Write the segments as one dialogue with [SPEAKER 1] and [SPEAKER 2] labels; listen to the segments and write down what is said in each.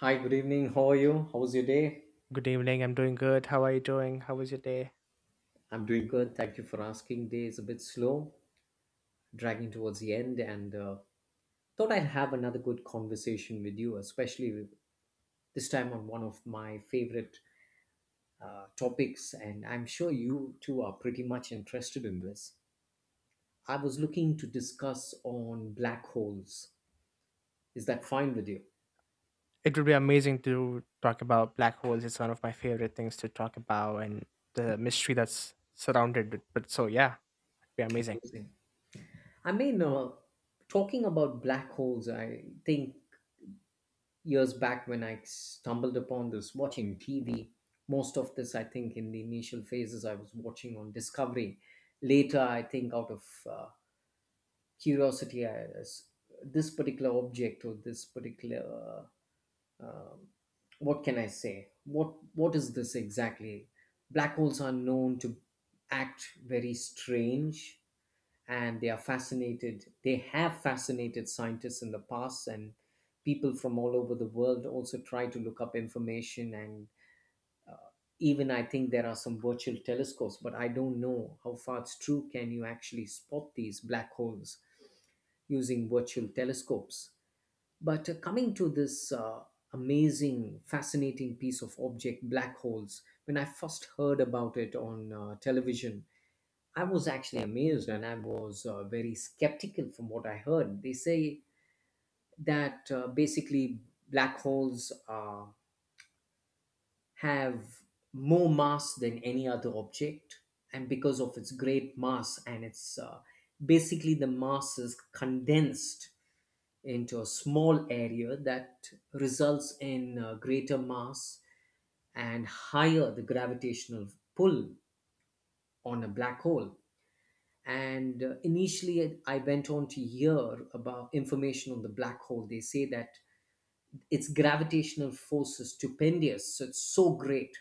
[SPEAKER 1] Hi, good evening. How are you? How's your day?
[SPEAKER 2] Good evening. I'm doing good. How are you doing? How was your day?
[SPEAKER 1] I'm doing good. Thank you for asking. Day is a bit slow, dragging towards the end, and thought I'd have another good conversation with you, this time on one of my favorite topics. And I'm sure you two are pretty much interested in this. I was looking to discuss on black holes. Is that fine with you?
[SPEAKER 2] It would be amazing to talk about black holes. It's one of my favorite things to talk about and the mystery that's surrounded it. But so, yeah, it'd be amazing.
[SPEAKER 1] Amazing. I mean, uh, Talking about black holes, I think years back when I stumbled upon this watching TV. Most of this, I think, in the initial phases, I was watching on Discovery. Later, I think, out of uh, curiosity, this particular object or this particular, uh, um, what can I say? What is this exactly? Black holes are known to act very strange, and they have fascinated scientists in the past, and people from all over the world also try to look up information. And even I think there are some virtual telescopes, but I don't know how far it's true. Can you actually spot these black holes using virtual telescopes? But coming to this amazing, fascinating piece of object, black holes, when I first heard about it on television, I was actually amazed, and I was very skeptical from what I heard. They say that basically black holes have more mass than any other object, and because of its great mass, and it's basically the mass is condensed into a small area, that results in greater mass and higher the gravitational pull on a black hole. And initially I went on to hear about information on the black hole. They say that its gravitational force is stupendous, so it's so great.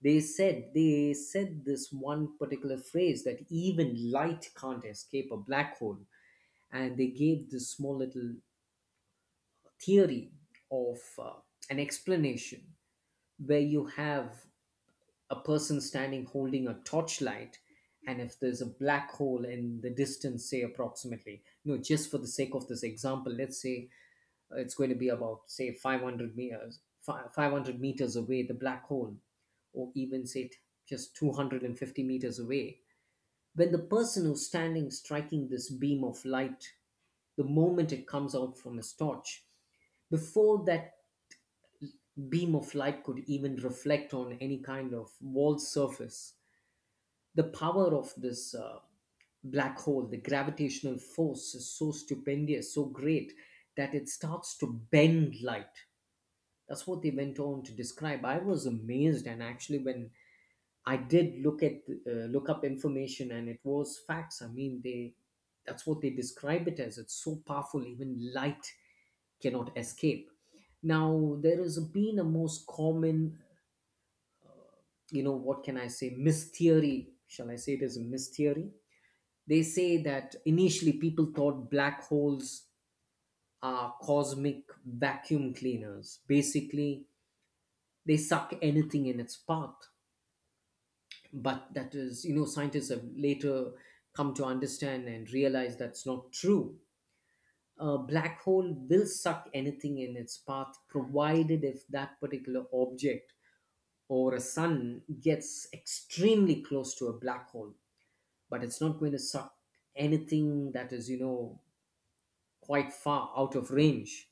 [SPEAKER 1] They said this one particular phrase, that even light can't escape a black hole. And they gave this small little theory of an explanation, where you have a person standing holding a torchlight, and if there's a black hole in the distance, say approximately, no, just for the sake of this example, let's say it's going to be about, say, 500 meters 500 meters away the black hole, or even just 250 meters away. When the person who's standing striking this beam of light, the moment it comes out from his torch, before that beam of light could even reflect on any kind of wall surface, the power of this black hole, the gravitational force, is so stupendous, so great, that it starts to bend light. That's what they went on to describe. I was amazed, and actually, when I did look up information, and it was facts. I mean, they, that's what they describe it as. It's so powerful, even light cannot escape. Now, there has been a most common, you know, what can I say, mystery. Shall I say it as a mystery? They say that initially people thought black holes are cosmic vacuum cleaners. Basically, they suck anything in its path. But that is, you know, scientists have later come to understand and realize that's not true. A black hole will suck anything in its path, provided if that particular object or a sun gets extremely close to a black hole. But it's not going to suck anything that is, you know, quite far out of range.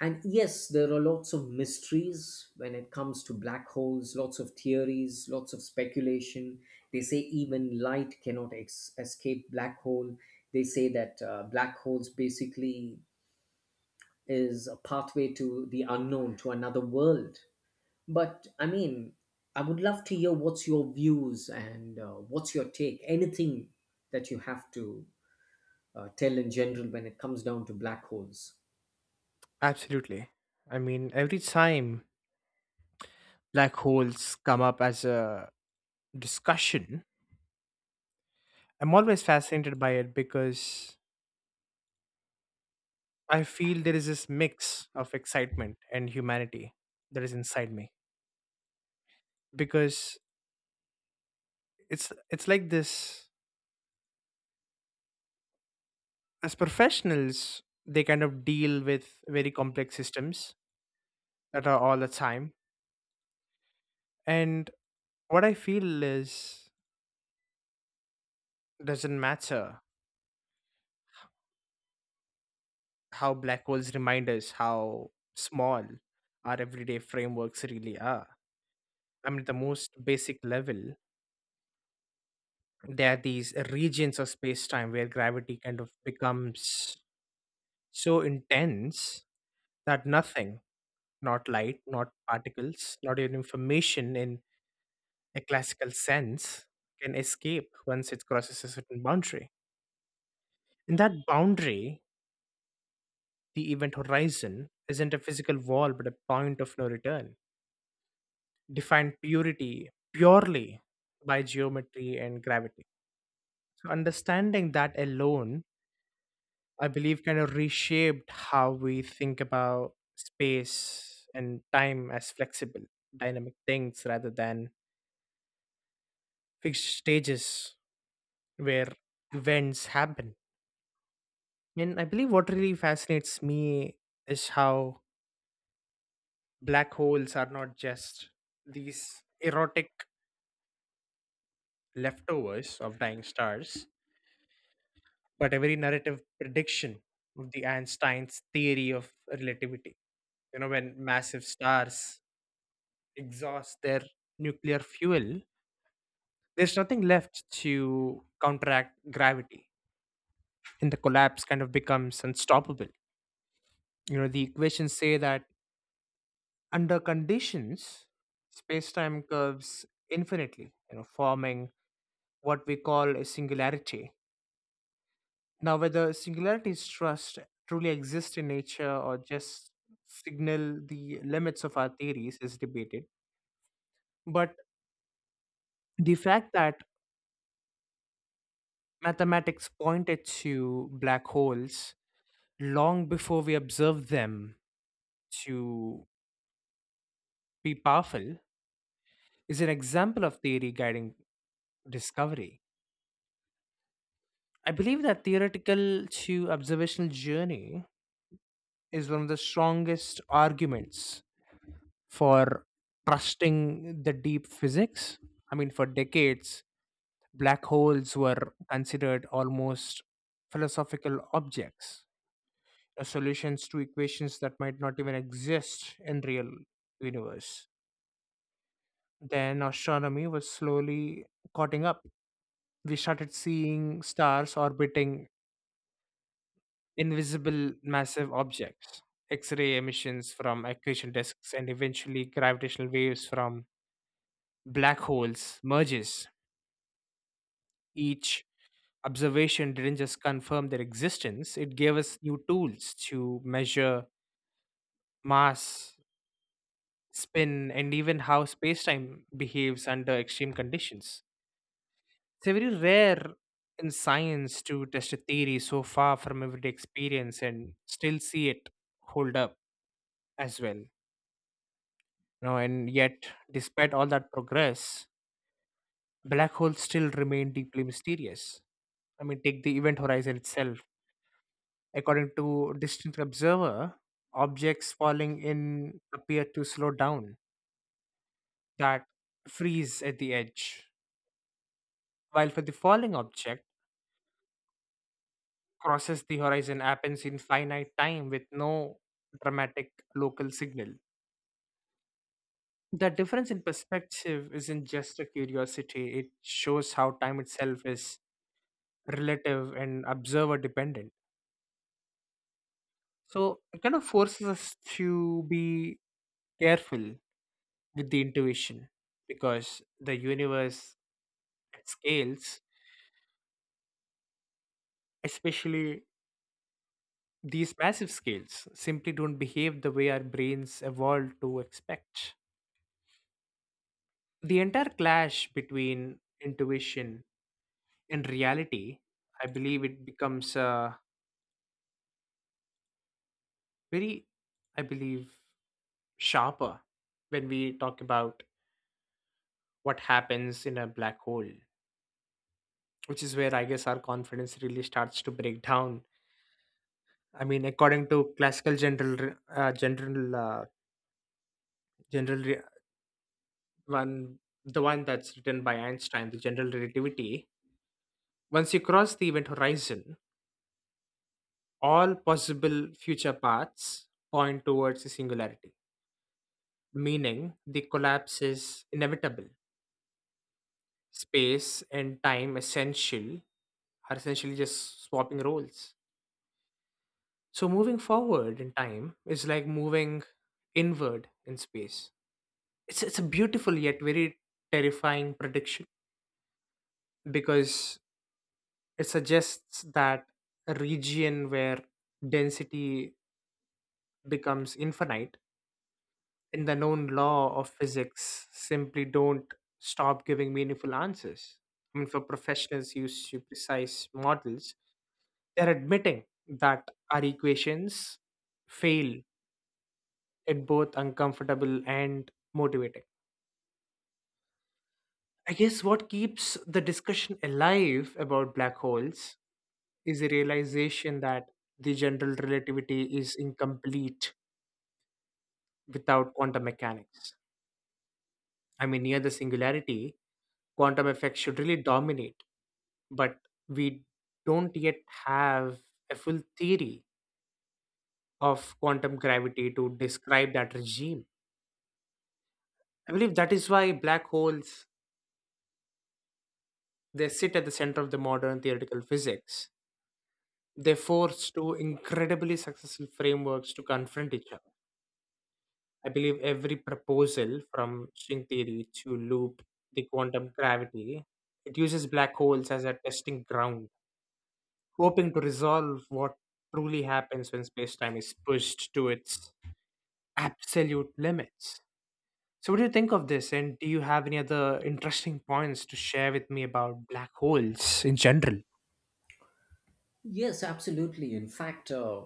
[SPEAKER 1] And yes, there are lots of mysteries when it comes to black holes, lots of theories, lots of speculation. They say even light cannot escape black hole. They say that black holes basically is a pathway to the unknown, to another world. But I mean, I would love to hear what's your views, and what's your take, anything that you have to tell in general when it comes down to black holes.
[SPEAKER 2] Absolutely. I mean, every time black holes come up as a discussion, I'm always fascinated by it because I feel there is this mix of excitement and humanity that is inside me because it's like this, as professionals they kind of deal with very complex systems that are all the time. And what I feel is, doesn't matter how black holes remind us how small our everyday frameworks really are. I mean, at the most basic level, there are these regions of space time where gravity kind of becomes so intense that nothing, not light, not particles, not even information in a classical sense, can escape once it crosses a certain boundary. In that boundary, the event horizon isn't a physical wall but a point of no return, defined purity purely by geometry and gravity. So, understanding that alone, I believe, kind of reshaped how we think about space and time as flexible, dynamic things rather than fixed stages where events happen. And I believe what really fascinates me is how black holes are not just these erotic leftovers of dying stars, but a very narrative prediction of the Einstein's theory of relativity. You know, when massive stars exhaust their nuclear fuel, there's nothing left to counteract gravity, and the collapse kind of becomes unstoppable. You know, the equations say that under conditions, space-time curves infinitely, you know, forming what we call a singularity. Now, whether singularities trust truly exist in nature or just signal the limits of our theories is debated. But the fact that mathematics pointed to black holes long before we observed them to be powerful is an example of theory guiding discovery. I believe that theoretical to observational journey is one of the strongest arguments for trusting the deep physics. I mean, for decades, black holes were considered almost philosophical objects, solutions to equations that might not even exist in real universe. Then astronomy was slowly caught up. We started seeing stars orbiting invisible massive objects, X ray emissions from accretion disks, and eventually gravitational waves from black holes merges. Each observation didn't just confirm their existence, it gave us new tools to measure mass, spin, and even how space time behaves under extreme conditions. It's very rare in science to test a theory so far from everyday experience and still see it hold up as well. You know, and yet despite all that progress, black holes still remain deeply mysterious. I mean, take the event horizon itself. According to distant observer, objects falling in appear to slow down, that freeze at the edge, while for the falling object, crosses the horizon happens in finite time with no dramatic local signal. The difference in perspective isn't just a curiosity, it shows how time itself is relative and observer dependent. So it kind of forces us to be careful with the intuition, because the universe at scales, especially these massive scales, simply don't behave the way our brains evolved to expect. The entire clash between intuition and reality, I believe it becomes very, I believe, sharper when we talk about what happens in a black hole, which is where I guess our confidence really starts to break down. I mean, according to classical general, re- general, general re- one, the one that's written by Einstein, the general relativity. Once you cross the event horizon, all possible future paths point towards the singularity, meaning the collapse is inevitable. Space and time essential are essentially just swapping roles. So moving forward in time is like moving inward in space. It's a beautiful yet very terrifying prediction, because it suggests that a region where density becomes infinite and the known law of physics simply don't stop giving meaningful answers. I mean, for professionals used to precise models, they're admitting that our equations fail at both uncomfortable and motivating. I guess what keeps the discussion alive about black holes is a realization that the general relativity is incomplete without quantum mechanics. I mean, near the singularity, quantum effects should really dominate, but we don't yet have a full theory of quantum gravity to describe that regime. I believe that is why black holes, they sit at the center of the modern theoretical physics. They force two incredibly successful frameworks to confront each other. I believe every proposal from string theory to loop the quantum gravity, it uses black holes as a testing ground, hoping to resolve what truly happens when space-time is pushed to its absolute limits. So what do you think of this? And do you have any other interesting points to share with me about black holes in general?
[SPEAKER 1] Yes, absolutely. In fact,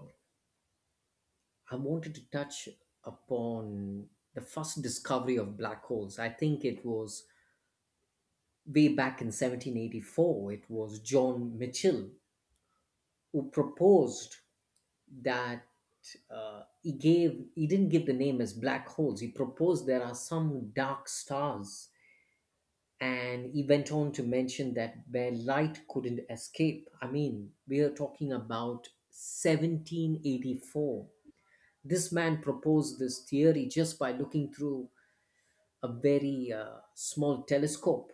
[SPEAKER 1] I wanted to touch upon the first discovery of black holes. I think it was way back in 1784. It was John Mitchell who proposed that, he didn't give the name as black holes. He proposed there are some dark stars, and he went on to mention that where light couldn't escape. I mean, we are talking about 1784. This man proposed this theory just by looking through a very small telescope.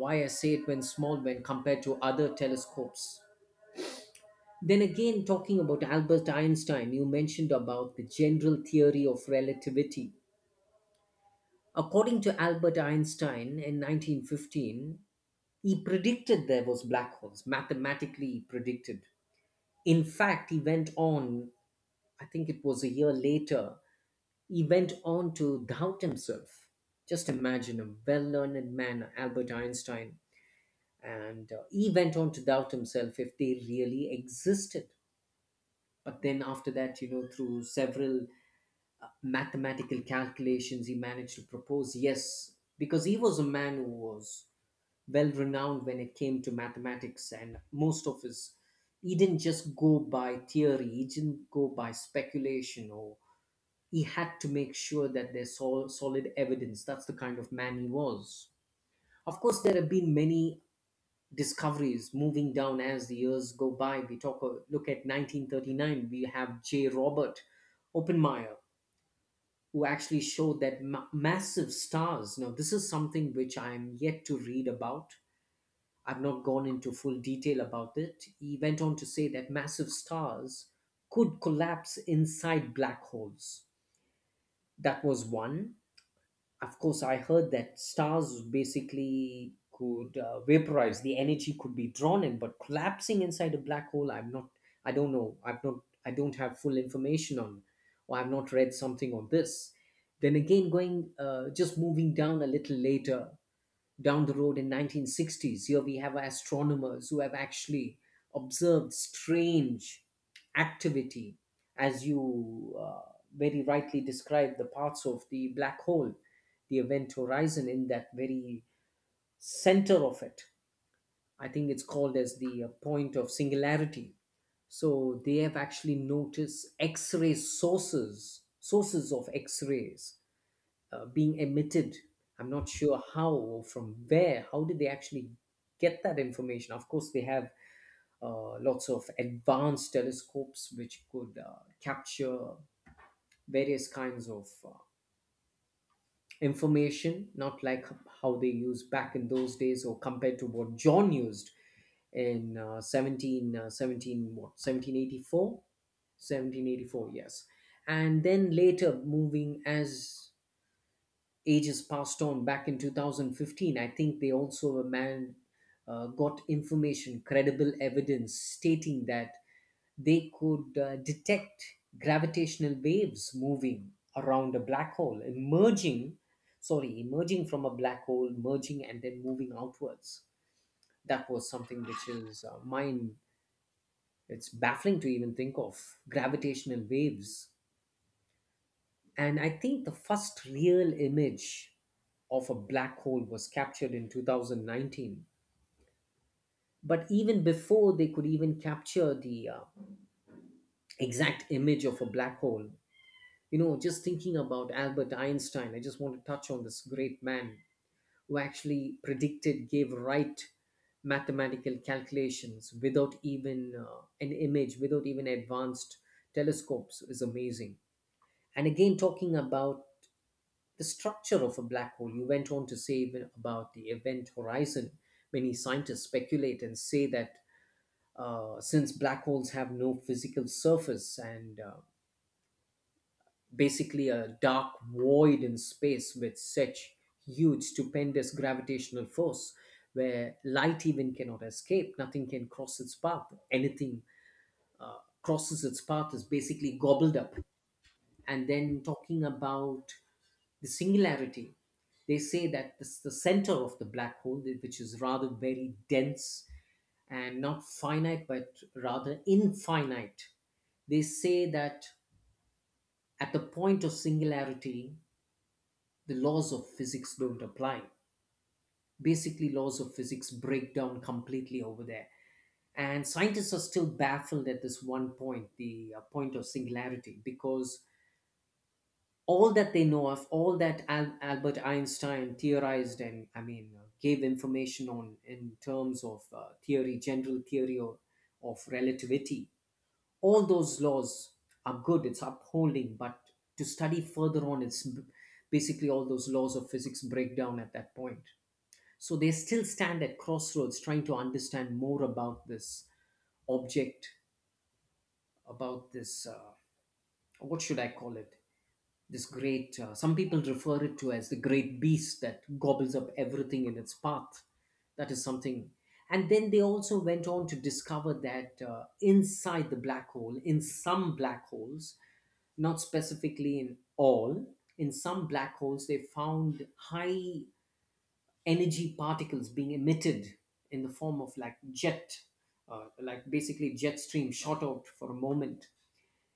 [SPEAKER 1] Why I say it when small, when compared to other telescopes. Then again, talking about Albert Einstein, you mentioned about the general theory of relativity. According to Albert Einstein, in 1915 he predicted there was black holes. Mathematically he predicted. In fact, he went on, I think it was a year later, he went on to doubt himself. Just imagine a well learned man, Albert Einstein, and he went on to doubt himself if they really existed. But then, after that, you know, through several mathematical calculations, he managed to propose yes, because he was a man who was well renowned when it came to mathematics, and most of his, he didn't just go by theory, he didn't go by speculation, or he had to make sure that there's solid evidence. That's the kind of man he was. Of course, there have been many discoveries moving down as the years go by. We talk look at 1939. We have J. Robert Oppenheimer, who actually showed that massive stars. Now, this is something which I am yet to read about. I've not gone into full detail about it. He went on to say that massive stars could collapse inside black holes. That was one. Of course, I heard that stars basically could vaporize. The energy could be drawn in, but collapsing inside a black hole, I'm not, I don't know. I've not. I don't have full information on, or I've not read something on this. Then again, going just moving down a little later down the road, in 1960s here we have astronomers who have actually observed strange activity. As you very rightly described, the parts of the black hole, the event horizon, in that very center of it, I think it's called as the point of singularity. So they have actually noticed x-ray sources sources of x-rays being emitted. I'm not sure how or from where. How did they actually get that information? Of course, they have lots of advanced telescopes which could capture various kinds of information, not like how they used back in those days, or compared to what John used in what, 1784? 1784, yes. And then later moving as ages passed on, back in 2015, I think they also a man got information, credible evidence, stating that they could detect gravitational waves moving around a black hole emerging from a black hole merging and then moving outwards. That was something which is mind it's baffling to even think of gravitational waves. And I think the first real image of a black hole was captured in 2019. But even before they could even capture the exact image of a black hole, you know, just thinking about Albert Einstein, I just want to touch on this great man who actually predicted, gave right mathematical calculations without even an image, without even advanced telescopes, is amazing. And again, talking about the structure of a black hole, you went on to say even about the event horizon. Many scientists speculate and say that since black holes have no physical surface, and basically a dark void in space with such huge, stupendous gravitational force, where light even cannot escape, nothing can cross its path, anything crosses its path is basically gobbled up. And then talking about the singularity, they say that this, the center of the black hole, which is rather very dense, and not finite but rather infinite, they say that at the point of singularity the laws of physics don't apply. Basically laws of physics break down completely over there. And scientists are still baffled at this one point, the point of singularity, because all that they know of, all that Albert Einstein theorized and, gave information on in terms of general theory of relativity, all those laws are good, it's upholding, but to study further on, basically all those laws of physics break down at that point. So they still stand at crossroads trying to understand more about this object, about this, what should I call it? This great some people refer it to as the great beast that gobbles up everything in its path. That is something. And then they also went on to discover that inside the black hole, in some black holes, not specifically in all, in some black holes they found high energy particles being emitted in the form of like jet, like basically jet stream shot out for a moment.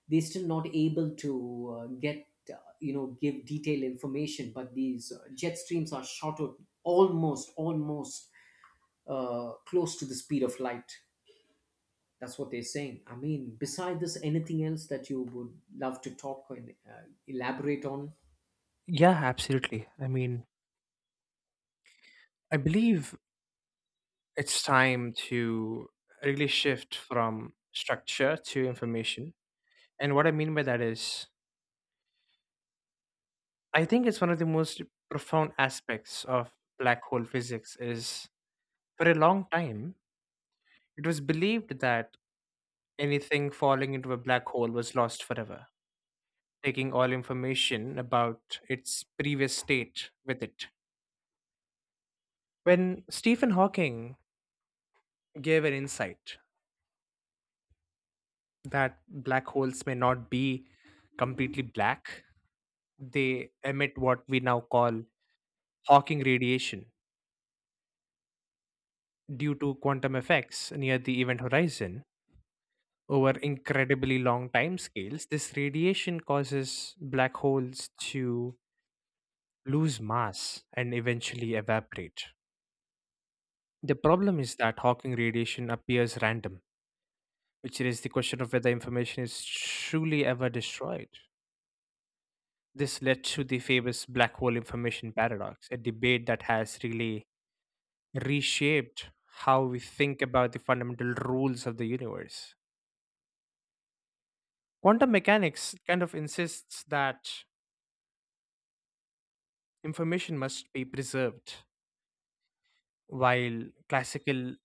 [SPEAKER 1] They're still not able to get give detailed information, but these jet streams are shot out almost close to the speed of light. That's what they're saying. I mean, beside this, anything else that you would love to talk and elaborate on?
[SPEAKER 2] Yeah, absolutely. I mean, I believe it's time to really shift from structure to information. And what I mean by that is, I think it's one of the most profound aspects of black hole physics is, for a long time, it was believed that anything falling into a black hole was lost forever, taking all information about its previous state with it. When Stephen Hawking gave an insight that black holes may not be completely black, they emit what we now call Hawking radiation due to quantum effects near the event horizon. Over incredibly long time scales, this radiation causes black holes to lose mass and eventually evaporate. The problem is that Hawking radiation appears random, which raises the question of whether information is truly ever destroyed. This led to the famous black hole information paradox, a debate that has really reshaped how we think about the fundamental rules of the universe. Quantum mechanics kind of insists that information must be preserved while classical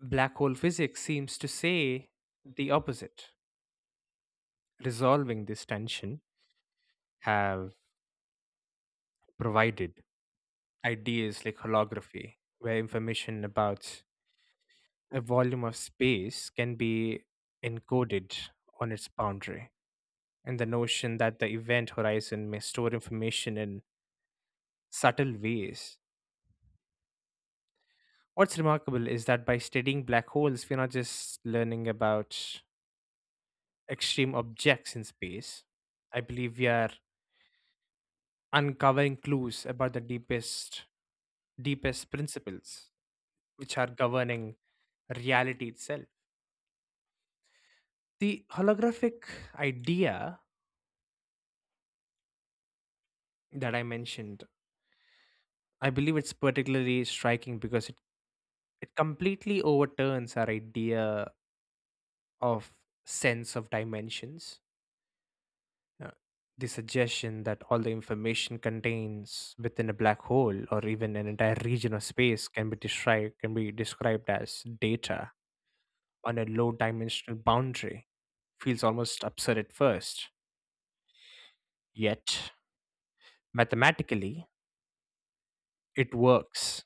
[SPEAKER 2] black hole physics seems to say the opposite. Resolving this tension have provided ideas like holography, where information about a volume of space can be encoded on its boundary, and the notion that the event horizon may store information in subtle ways. What's remarkable is that by studying black holes, we're not just learning about extreme objects in space. I believe we are uncovering clues about the deepest principles which are governing reality itself. The holographic idea that I mentioned, I believe it's particularly striking because it completely overturns our idea of sense of dimensions. Uh, the suggestion that all the information contains within a black hole or even an entire region of space can be described as data on a low dimensional boundary feels almost absurd at first, yet mathematically, it works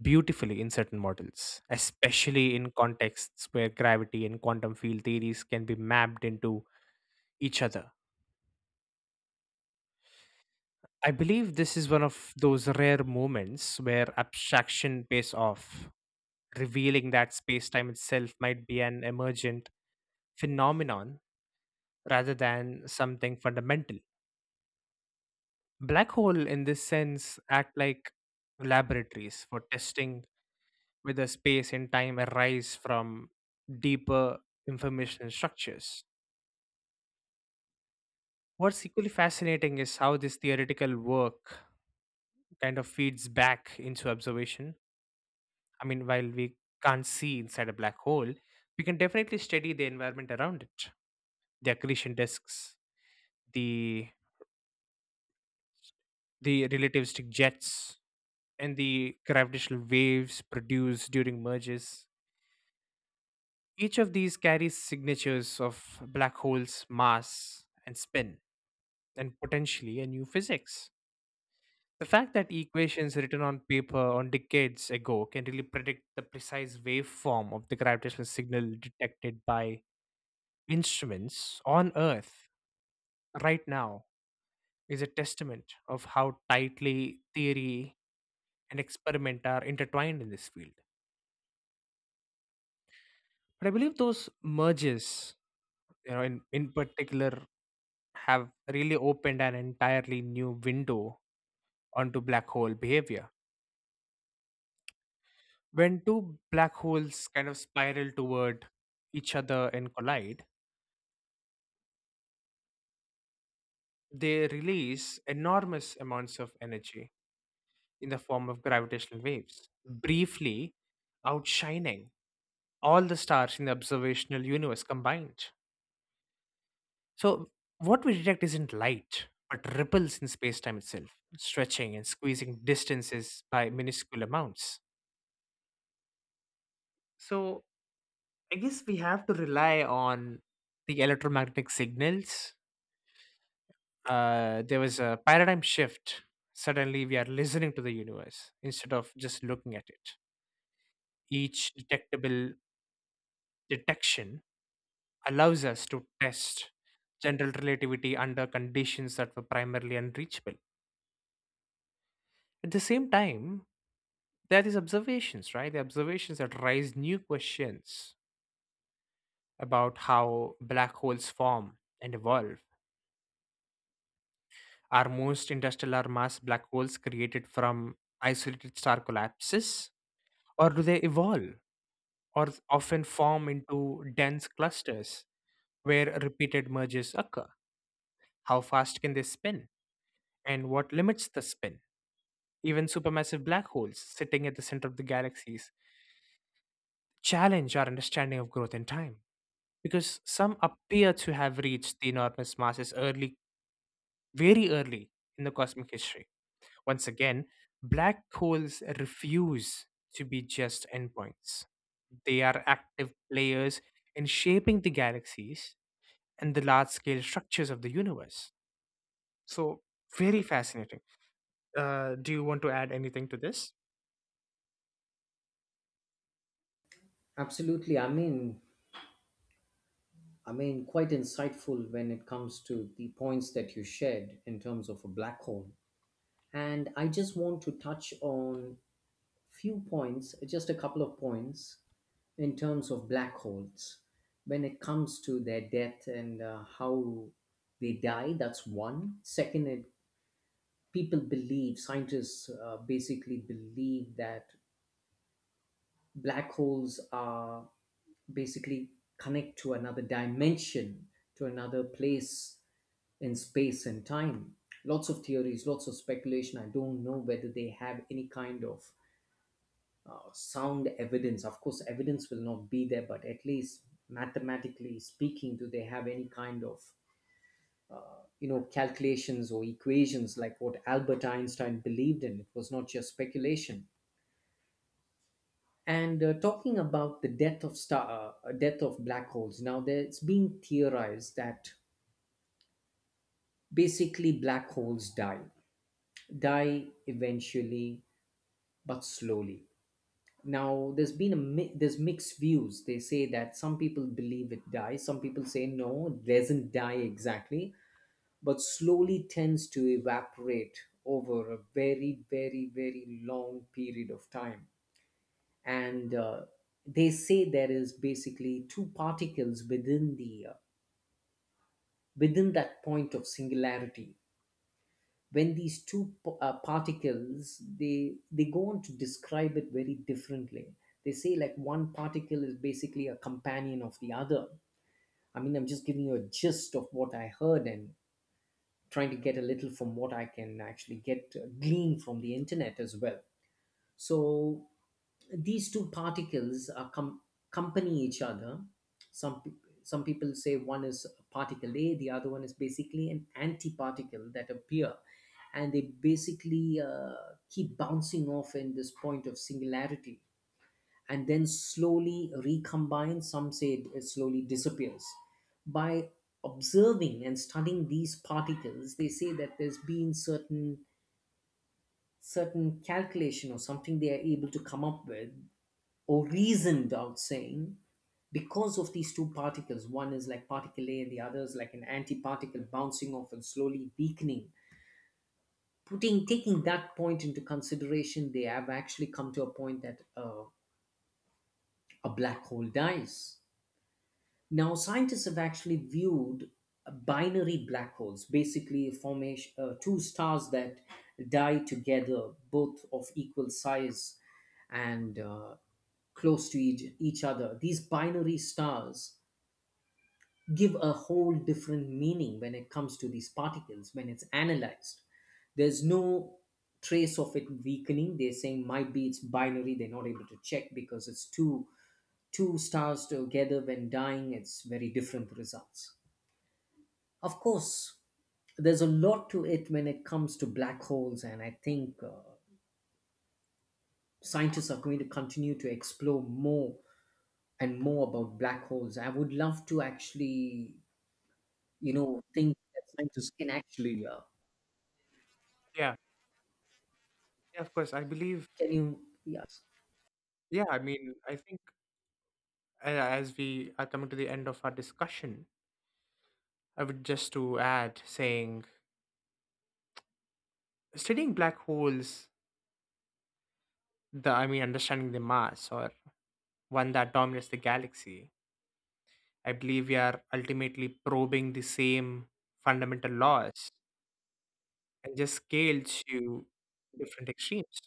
[SPEAKER 2] beautifully in certain models, especially in contexts where gravity and quantum field theories can be mapped into each other. I believe this is one of those rare moments where abstraction pays off, revealing that space time itself might be an emergent phenomenon rather than something fundamental. Black hole in this sense act like laboratories for testing where the space and time arise from deeper information structures. What's equally fascinating is how this theoretical work kind of feeds back into observation. I mean, while we can't see inside a black hole, we can definitely study the environment around it, the accretion disks, the the relativistic jets, and the gravitational waves produced during merges. Each of these carries signatures of black holes' mass and spin and potentially a new physics. The fact that equations written on paper on decades ago can really predict the precise waveform of the gravitational signal detected by instruments on Earth right now is a testament of how tightly theory and experiment are intertwined in this field. But I believe those merges, you know, in particular, have really opened an entirely new window onto black hole behavior. When two black holes kind of spiral toward each other and collide, they release enormous amounts of energy in the form of gravitational waves, briefly outshining all the stars in the observational universe combined. So, what we detect isn't light, but ripples in space time itself, stretching and squeezing distances by minuscule amounts. So, I guess we have to rely on the electromagnetic signals. There was a paradigm shift. Suddenly, we are listening to the universe instead of just looking at it. Each detectable detection allows us to test general relativity under conditions that were primarily unreachable. At the same time, there are these observations, right? The observations that raise new questions about how black holes form and evolve. Are most interstellar mass black holes created from isolated star collapses, or do they evolve? Or often form into dense clusters where repeated mergers occur. How fast can they spin? And what limits the spin? Even supermassive black holes sitting at the center of the galaxies challenge our understanding of growth in time because some appear to have reached the enormous masses early, very early in the cosmic history. Once again, black holes refuse to be just endpoints. They are active players in shaping the galaxies and the large scale structures of the universe. So, very fascinating. Do you want to add anything to this?
[SPEAKER 1] Absolutely. I mean, quite insightful when it comes to the points that you shared in terms of a black hole. And I just want to touch on few points, just a couple of points, in terms of black holes, when it comes to their death and how they die. That's one second. It, people believe, scientists basically believe that black holes are basically connect to another dimension, to another place in space and time. Lots of theories, lots of speculation. I don't know whether they have any kind of sound evidence. Of course, evidence will not be there, but at least mathematically speaking, do they have any kind of, you know, calculations or equations like what Albert Einstein believed in? It was not just speculation. And talking about the death of star, death of black holes. Now, there, it's being theorized that basically black holes die, die eventually, but slowly. Now there's been there's mixed views. They say that some people believe it dies, some people say no, it doesn't die exactly, but slowly tends to evaporate over a very, very, very long period of time. And they say there is basically two particles within the within that point of singularity. When these two particles, they go on to describe it very differently. They say like one particle is basically a companion of the other. I mean, I'm just giving you a gist of what I heard and trying to get a little from what I can actually get, glean from the internet as well. So these two particles are accompany each other. Some pe- some people say one is particle A, the other one is basically an antiparticle that appear, and they basically keep bouncing off in this point of singularity, and then slowly recombine. Some say it slowly disappears. By observing and studying these particles, they say that there's been certain calculation or something they are able to come up with or reasoned out saying because of these two particles, one is like particle A and the other is like an antiparticle bouncing off and slowly weakening. Putting Taking that point into consideration, they have actually come to a point that a black hole dies. Now, scientists have actually viewed binary black holes, basically formation, two stars that die together, both of equal size and close to each other. These binary stars give a whole different meaning when it comes to these particles when it's analyzed. There's no trace of it weakening. They're saying might be it's binary. They're not able to check because it's too, two stars together when dying, it's very different results. Of course, there's a lot to it when it comes to black holes, and I think scientists are going to continue to explore more and more about black holes. I would love to actually, you know, think that scientists can actually.
[SPEAKER 2] Yeah, yeah, of course. I believe,
[SPEAKER 1] Can you? Yes.
[SPEAKER 2] yeah, I mean, I think as we are coming to the end of our discussion, I would just to add saying, studying black holes, the I mean, understanding the mass or one that dominates the galaxy, I believe we are ultimately probing the same fundamental laws and just scaled to different extremes.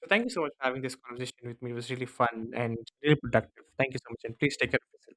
[SPEAKER 2] So thank you so much for having this conversation with me. It was really fun and really productive. Thank you so much, and please take care of yourself.